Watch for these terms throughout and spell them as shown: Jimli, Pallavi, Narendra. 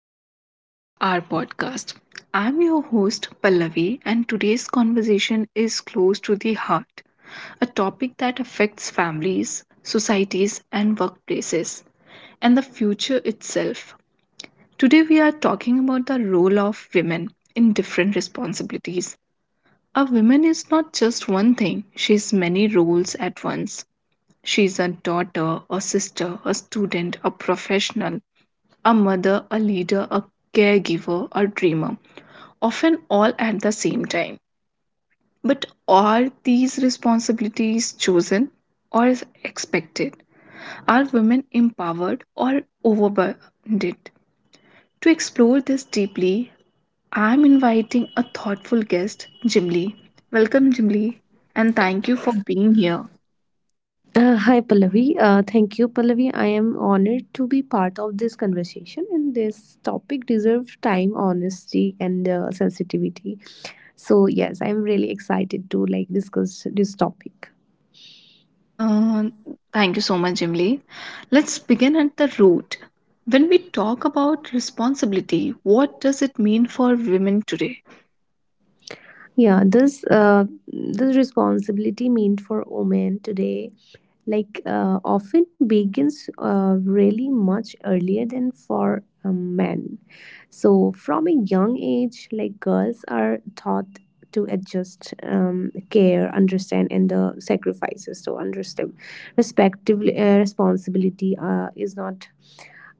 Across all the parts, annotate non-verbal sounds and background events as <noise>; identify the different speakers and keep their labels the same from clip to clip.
Speaker 1: to our podcast. I'm your host Pallavi and today's conversation is close to the heart, a topic that affects families, societies and workplaces and the future itself. Today we are talking about the role of women in different responsibilities. A woman is not just one thing, she's many roles at once. She's a daughter, a sister, a student, a professional, a mother, a leader, a caregiver, a dreamer, often all at the same time. But are these responsibilities chosen or expected? Are women empowered or overburdened? To explore this deeply, I am inviting a thoughtful guest, Jimli. Welcome, Jimli, and thank you for being here.
Speaker 2: Hi Pallavi. Thank you, Pallavi. I am honored to be part of this conversation, and this topic deserves time, honesty, and sensitivity. So yes, I'm really excited to like discuss this topic.
Speaker 1: Uh, Thank you so much, Emily. Let's begin at the root. When we talk about responsibility, what does it mean for women today?
Speaker 2: Yeah, this responsibility meant for women today, like often begins really much earlier than for men. So, from a young age, like girls are taught to adjust, care, understand, and the sacrifices. So, understand, respectively, responsibility is not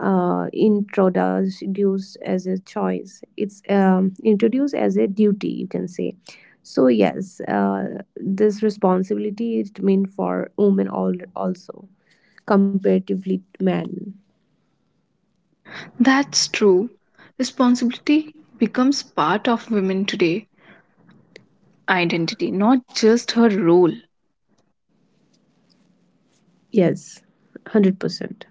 Speaker 2: introduced as a choice. It's introduced as a duty, you can say. So, yes, this responsibility is meant for women all also comparatively to men.
Speaker 1: That's true. Responsibility becomes part of women today identity, not just her role.
Speaker 2: Yes, 100%.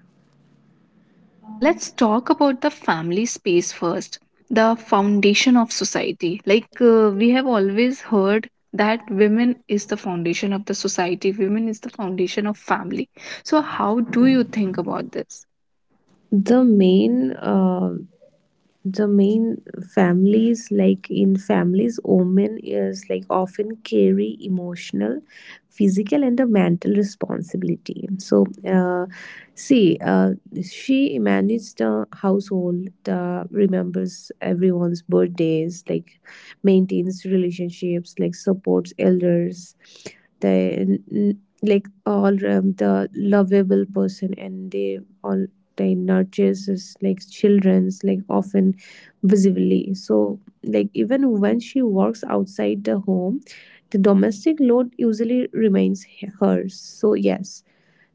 Speaker 1: Let's talk about the family space first, the foundation of society. Like we have always heard that women is the foundation of the society, women is the foundation of family. So, how do you think about this?
Speaker 2: The main uh, the main families, like in families, women is like often carry emotional, physical, and the mental responsibility. So, uh, see, she manages the household, the remembers everyone's birthdays, like maintains relationships, like supports elders. They, like all the lovable person, and they all, they nurtures is like children's, like often visibly. So, like, even when she works outside the home, the domestic load usually remains hers. So, yes.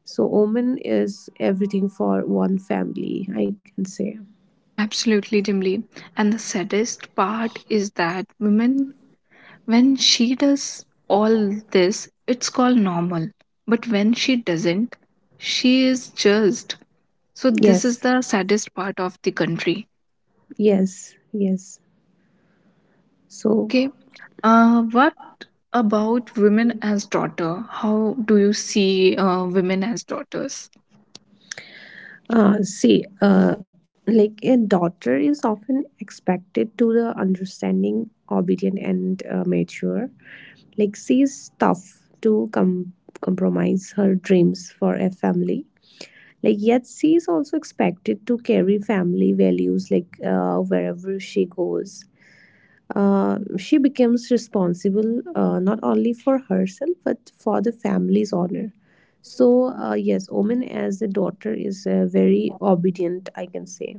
Speaker 2: So, woman is everything for one family, I can say.
Speaker 1: Absolutely, Dimly. And the saddest part is that women, when she does all this, it's called normal. But when she doesn't, she is just so this is
Speaker 2: Yes,
Speaker 1: the saddest part of the country.
Speaker 2: yes, yes. So,
Speaker 1: Okay, what about women as daughter? How do you see women as daughters?
Speaker 2: see, like a daughter is often expected to the understanding, obedient, and mature. Like she is tough to compromise her dreams for a family, like yet she is also expected to carry family values, like wherever she goes, she becomes responsible, not only for herself but for the family's honor. So, yes, woman as a daughter is very obedient, I can say.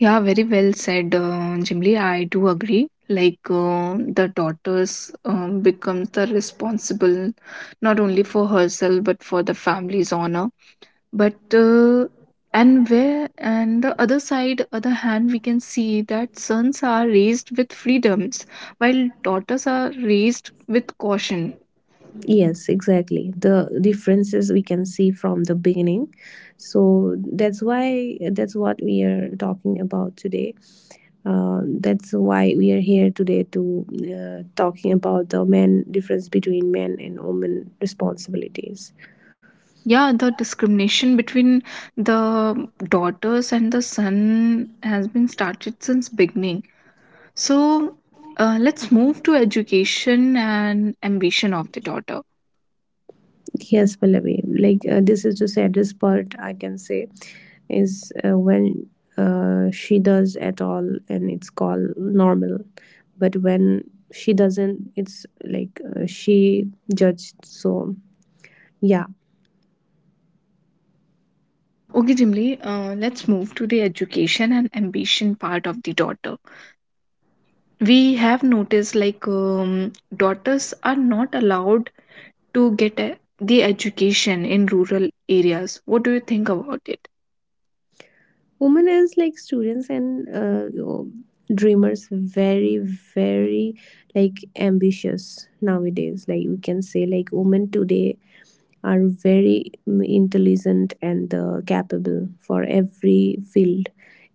Speaker 1: Yeah, very well said, Jimli. I do agree. Like the daughters becomes the responsible not only for herself but for the family's honor. But and where and the other side, other hand, we can see that sons are raised with freedoms while daughters are raised with caution.
Speaker 2: Yes, exactly, the differences we can see from the beginning. So that's what we are talking about today. That's why we are here today to, talking about the men difference between men and women responsibilities.
Speaker 1: Yeah, the discrimination between the daughters and the son has been started since beginning. So let's move to education and ambition of the daughter.
Speaker 2: Yes, Pallavi, like this is the saddest part, I can say, is when she does at all and it's called normal, but when she doesn't, it's like she judged. So yeah.
Speaker 1: Okay, Jimli, let's move to the education and ambition part of the daughter. We have noticed like daughters are not allowed to get a, the education in rural areas. What do you think about it?
Speaker 2: Women as like students and dreamers, very very like ambitious nowadays. Like we can say, like women today are very intelligent and capable for every field,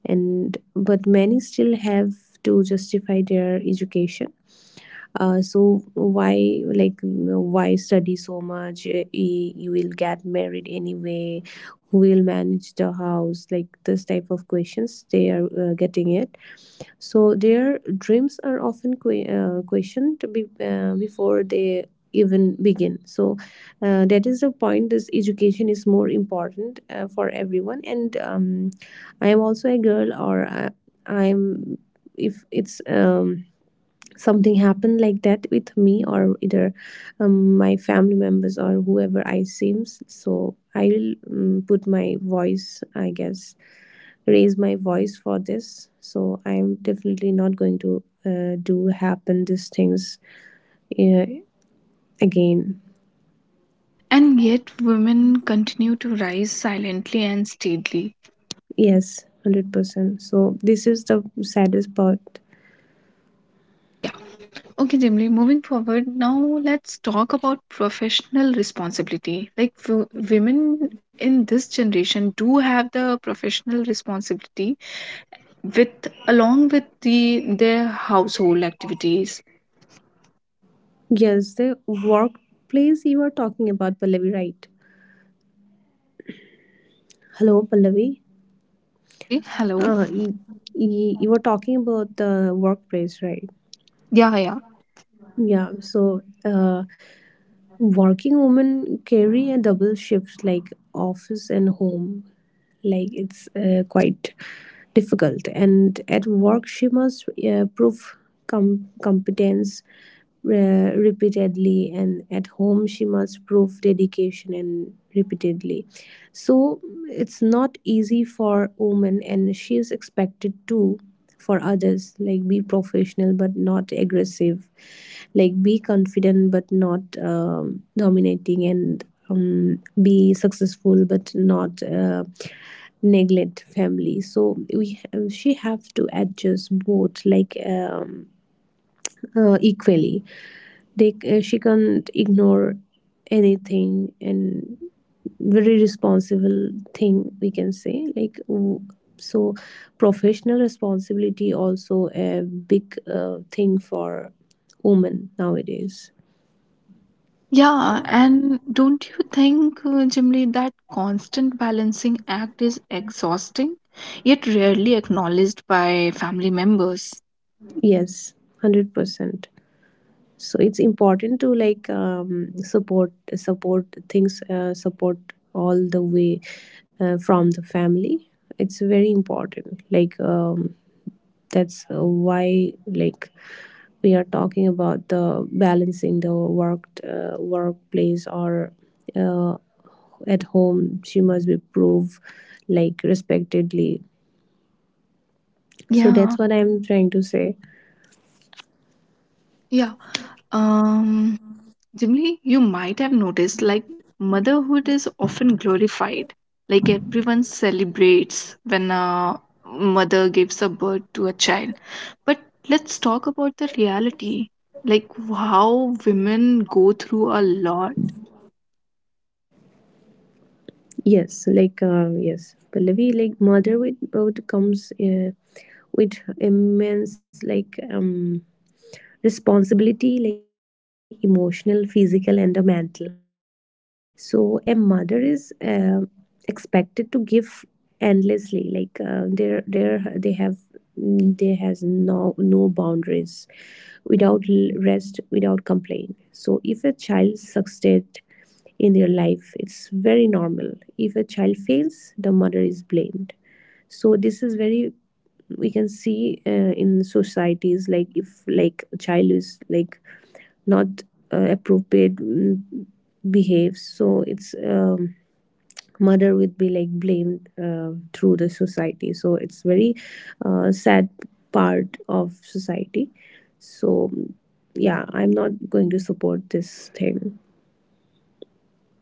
Speaker 2: and but many still have to justify their education. So why, like why study so much? You will get married anyway, who will manage the house? Like this type of questions they are getting it. So their dreams are often questioned to before they even begin. So that is the point, this education is more important for everyone. And I am also a girl, or I am, if it's something happened like that with me, or either my family members or whoever I seems, so I'll put my voice, I guess, raise my voice for this. So I'm definitely not going to do happen these things uh, again.
Speaker 1: And yet women continue to rise silently and steadily.
Speaker 2: Yes, 100%. So this is the saddest part.
Speaker 1: Yeah, okay, Jimly, moving forward now, let's talk about professional responsibility. Like women in this generation do have the professional responsibility with along with the their household activities.
Speaker 2: Yes, the workplace you are talking about, Pallavi, right? Hello, Pallavi.
Speaker 1: Hanji, hello.
Speaker 2: Uh, you, you were talking about the workplace, right?
Speaker 1: Yeah, yeah.
Speaker 2: Yeah, so working women carry a double shift, like office and home. Like it's quite difficult. And at work, she must prove competence repeatedly, and at home she must prove dedication and repeatedly. So it's not easy for women, and she is expected to, for others, like be professional but not aggressive, like be confident but not dominating, and be successful but not neglect family. So we, she have to adjust both, like equally. They, she can't ignore anything, and very responsible thing we can say, like so professional responsibility also a big thing for women nowadays.
Speaker 1: Yeah, and don't you think, Jimli, that constant balancing act is exhausting, yet rarely acknowledged by family members?
Speaker 2: Yes, 100%. So it's important to like support things, support all the way from the family. It's very important, like that's why, like we are talking about the balancing, the workplace, or uh, at home she must be proved like respectedly. So
Speaker 1: Yeah,
Speaker 2: that's what I'm trying to say.
Speaker 1: yeah. Um, Jimli, you might have noticed like motherhood is often glorified. Like everyone celebrates when a mother gives a birth to a child. But let's talk about the reality. Like how women go through a lot.
Speaker 2: Yes, like yes, Pallavi, like motherhood would comes with immense, like responsibility, like emotional, physical, and the mental. So a mother is expected to give endlessly. Like there, they have, they has no boundaries, without rest, without complaint. So if a child succeeds in their life, it's very normal. If a child fails, the mother is blamed. So this is very, we can see in societies, like if like a child is like not appropriate, behaves, so it's mother would be like blamed through the society. So it's very sad part of society. So yeah, I'm not going to support this thing.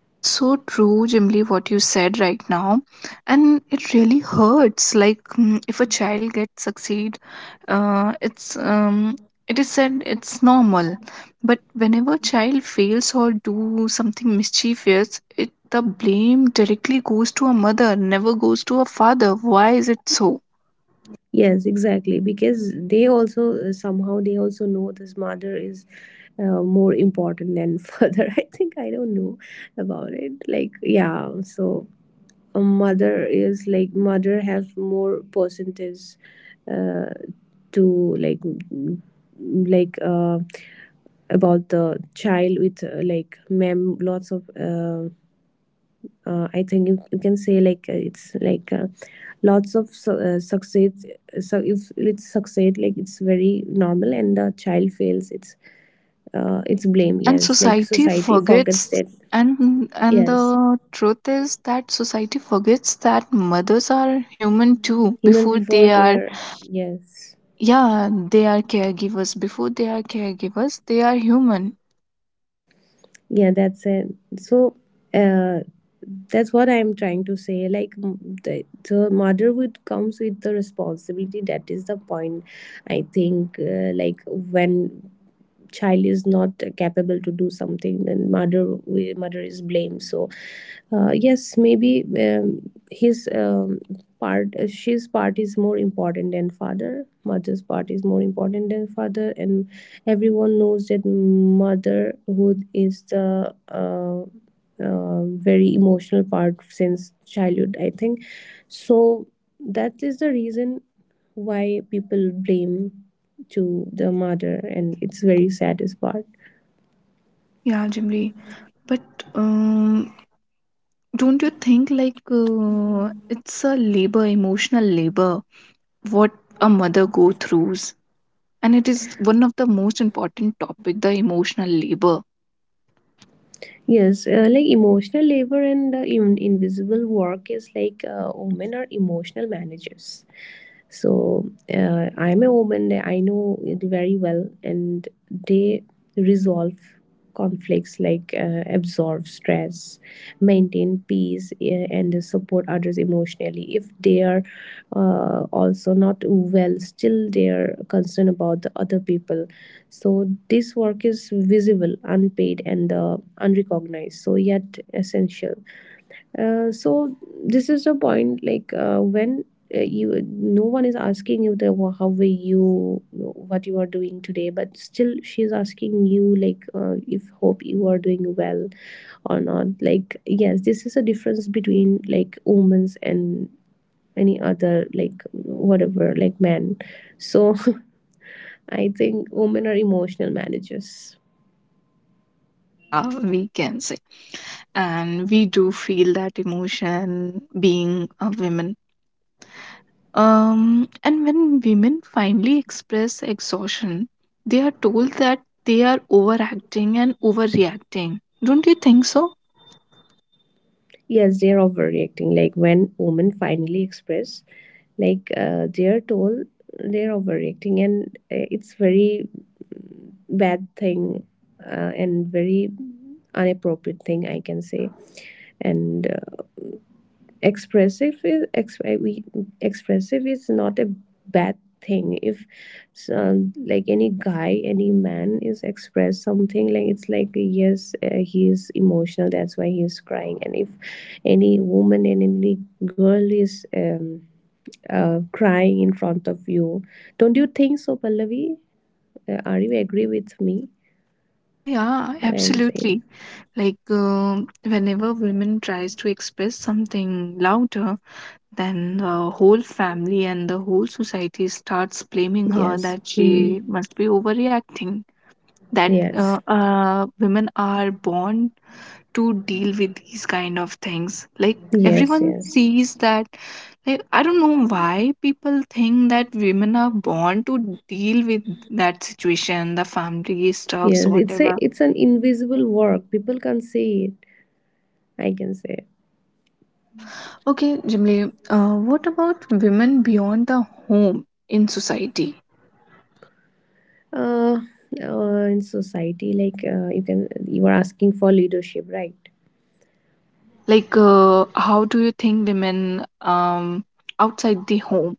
Speaker 1: It's so true, Jimly, what you said right now, and it really hurts. Like if a child gets succeed, uh, it's um, it is said it's normal, but whenever child fails or do something mischievous, it the blame directly goes to a mother, never goes to a father. Why is it so?
Speaker 2: Yes, exactly, because they also somehow they also know, this mother is more important than <laughs> father, I think. I don't know about it, like, yeah. So a mother is like, mother have more percentage uh, to like like about the child with like mem, lots of I think you can say like it's like lots of success. So if it's succeed, like it's very normal, and the child fails, it's blame.
Speaker 1: And
Speaker 2: Yes, like
Speaker 1: society
Speaker 2: society forgets
Speaker 1: forgets,
Speaker 2: that.
Speaker 1: and
Speaker 2: Yes,
Speaker 1: the truth is that society forgets that mothers are human too
Speaker 2: humans
Speaker 1: before
Speaker 2: before
Speaker 1: they
Speaker 2: they
Speaker 1: are.
Speaker 2: are. Yes.
Speaker 1: Yeah, they are caregivers before they are caregivers they are human.
Speaker 2: Yeah, that's it. So uh, that's what I'm trying to say, like the motherhood comes with the responsibility, that is the point. I think like when child is not capable to do something, then mother is blamed. So yes, maybe his, part, she's part is more important than father, mother's part is more important than father. And everyone knows that motherhood is the uh, very emotional part since childhood, I think. So that is the reason why people blame to the mother, and it's very saddest part.
Speaker 1: Yeah, Jimli. But Don't you think like it's a labor, emotional labor, what a mother go throughs, and it is one of the most important topic, the emotional labor.
Speaker 2: Yes, like emotional labor and invisible work is like women are emotional managers. So I'm a woman, I know it very well, and they resolve conflicts, like absorb stress, maintain peace, and support others emotionally. If they are also not well, still they are concerned about the other people. So this work is visible, unpaid, and unrecognized, so yet essential. So this is the point, like when you, no one is asking you the how were you, what you are doing today, but still she's asking you, like if hope you are doing well or not. Like yes, this is a difference between like omens and any other, like whatever, like men. So <laughs> I think women are emotional managers.
Speaker 1: <laughs> Yeah, we can say. And we do feel that emotion being a woman. Um, and when women finally express exhaustion they are told that they are overacting and overreacting. Don't you think so?
Speaker 2: Yes, they're overreacting, like when women finally express, like they're told they're overreacting, and it's very bad thing, and very inappropriate thing, I can say. And expressive is, ex- we expressive is not a bad thing. If some, like any guy, any man is express something, like it's like yes, he is emotional, that's why he is crying. And if any woman and any girl is crying in front of you. Don't you think so, Pallavi? Are you agree with me?
Speaker 1: Yeah, yeah,
Speaker 2: What I'm saying.
Speaker 1: absolutely. Like whenever women tries to express something louder, then the whole family and the whole society starts blaming her
Speaker 2: Yes.
Speaker 1: that
Speaker 2: Hmm.
Speaker 1: she must be overreacting, that
Speaker 2: Yes.
Speaker 1: women are born to deal with these kind of things. Like
Speaker 2: Yes.
Speaker 1: everyone
Speaker 2: Yes.
Speaker 1: sees that. Like, I don't know why people think that women are born to deal with that situation, the family stuffs
Speaker 2: Yes. It's a
Speaker 1: whatever.
Speaker 2: it's an invisible work. People can not see it. I can say.
Speaker 1: Yeah, okay, Jimly, what about women beyond the home in society?
Speaker 2: Uh, in society, like you are asking for leadership, right?
Speaker 1: Yeah, like how do you think women outside the home?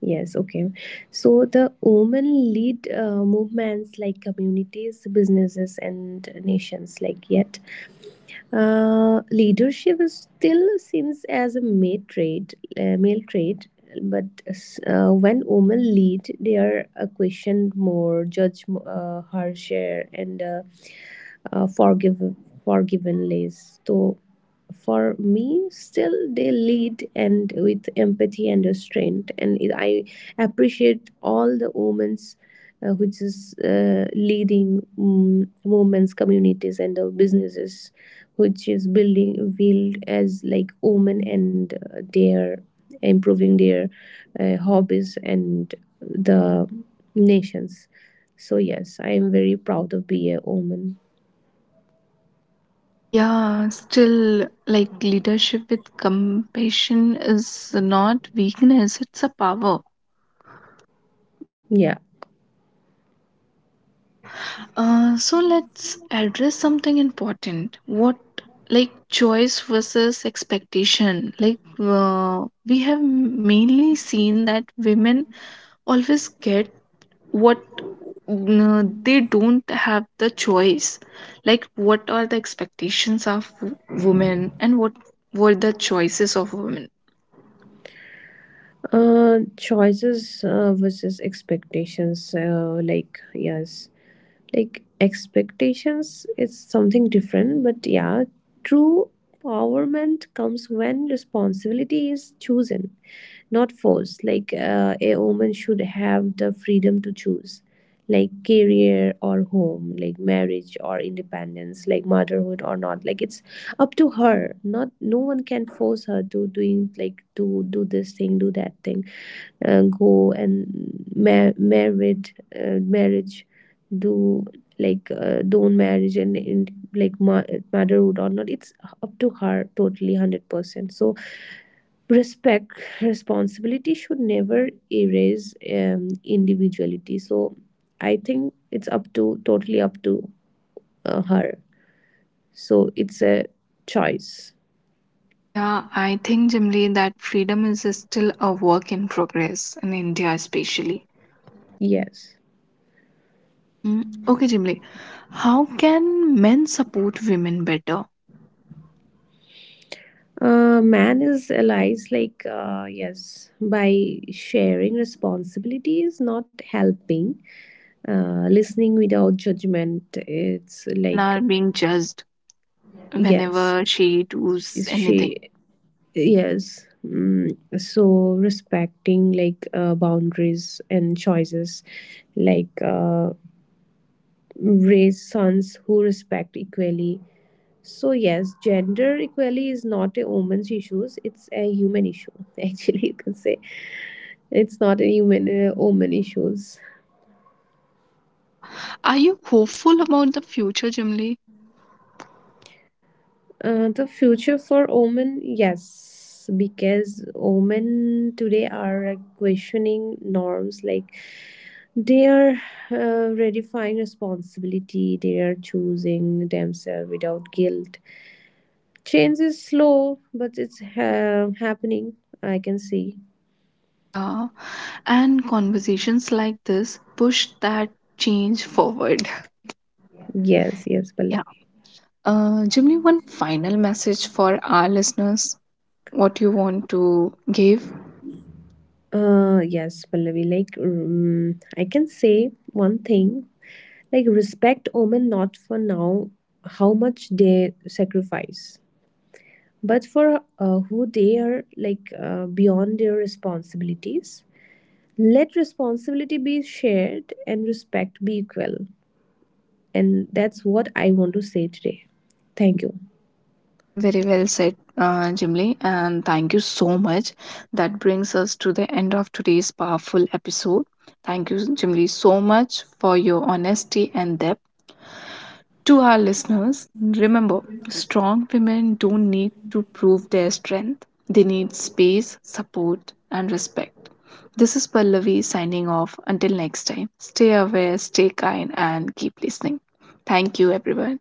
Speaker 2: Yes, okay. So the women lead movements, like communities, businesses, and nations. Like yet, leadership is still seen as a male trait, but when women lead, they are questioned more, judged harsher, and uh, forgive forgiven less. So for me, still they lead, and with empathy and restraint. And I appreciate all the women's, which is leading women's communities and the businesses, which is build as like women, and their improving their hobbies and the nations. So yes, I am very proud of being a woman.
Speaker 1: Yeah, still, like leadership with compassion is not weakness, it's a power.
Speaker 2: Yeah.
Speaker 1: Yeah. So let's address something important. What, like, choice versus expectation? Like, we have mainly seen that women always get what they don't have the choice. Like, what are the expectations of women and what were the choices of women?
Speaker 2: Choices versus expectations. Like yes, like expectations is something different, but yeah, true empowerment comes when responsibility is chosen, not forced. Like a woman should have the freedom to choose, like career or home, like marriage or independence, like motherhood or not. Like it's up to her. Not no one can force her to doing, like to do this thing, do that thing, go and married, marriage, do, like don't marriage, and like motherhood or not, it's up to her totally 100%. So respect, responsibility should never erase individuality. So I think it's up to totally up to her. So it's a choice.
Speaker 1: Yeah, I think, Jimly, that freedom is still a work in progress in India, especially.
Speaker 2: Yes.
Speaker 1: Mm, okay, Jimly, how can men support women better?
Speaker 2: Man is allies, like yes, by sharing responsibilities, not helping, listening without judgment.
Speaker 1: Yeah,
Speaker 2: It's
Speaker 1: women
Speaker 2: like,
Speaker 1: are being judged
Speaker 2: yes,
Speaker 1: whenever she does
Speaker 2: is she.
Speaker 1: anything.
Speaker 2: Yes, so respecting, like boundaries and choices, like raise sons who respect equally. So yes, gender equality is not a woman's issues, it's a human issue. <laughs> Actually, you can say it's not a human woman issues.
Speaker 1: Yeah, are you hopeful about the future, Jimly?
Speaker 2: The future for women, yes, because women today are questioning norms, like they are redefining responsibility. They are choosing themselves without guilt. Change is slow, but it's happening. I can see.
Speaker 1: Yeah, and conversations like this push that change forward. <laughs>
Speaker 2: Yes, yes, Pallavi.
Speaker 1: Yeah. Jimly, one final message for our listeners. What you want to give?
Speaker 2: Yes, Pallavi. Like, I can say one thing. Like, respect women not for now how much they sacrifice, but for who they are. Like, beyond their responsibilities. Let responsibility be shared and respect be equal. And that's what I want to say today. Thank you.
Speaker 1: Mm, very well said, Jimli, and thank you so much. That brings us to the end of today's powerful episode. Thank you, Jimli, so much for your honesty and depth. To our listeners, remember strong women don't need to prove their strength, they need space, support, and respect. This is Pallavi signing off. Until next time, stay aware, stay kind, and keep listening. Thank you, everyone.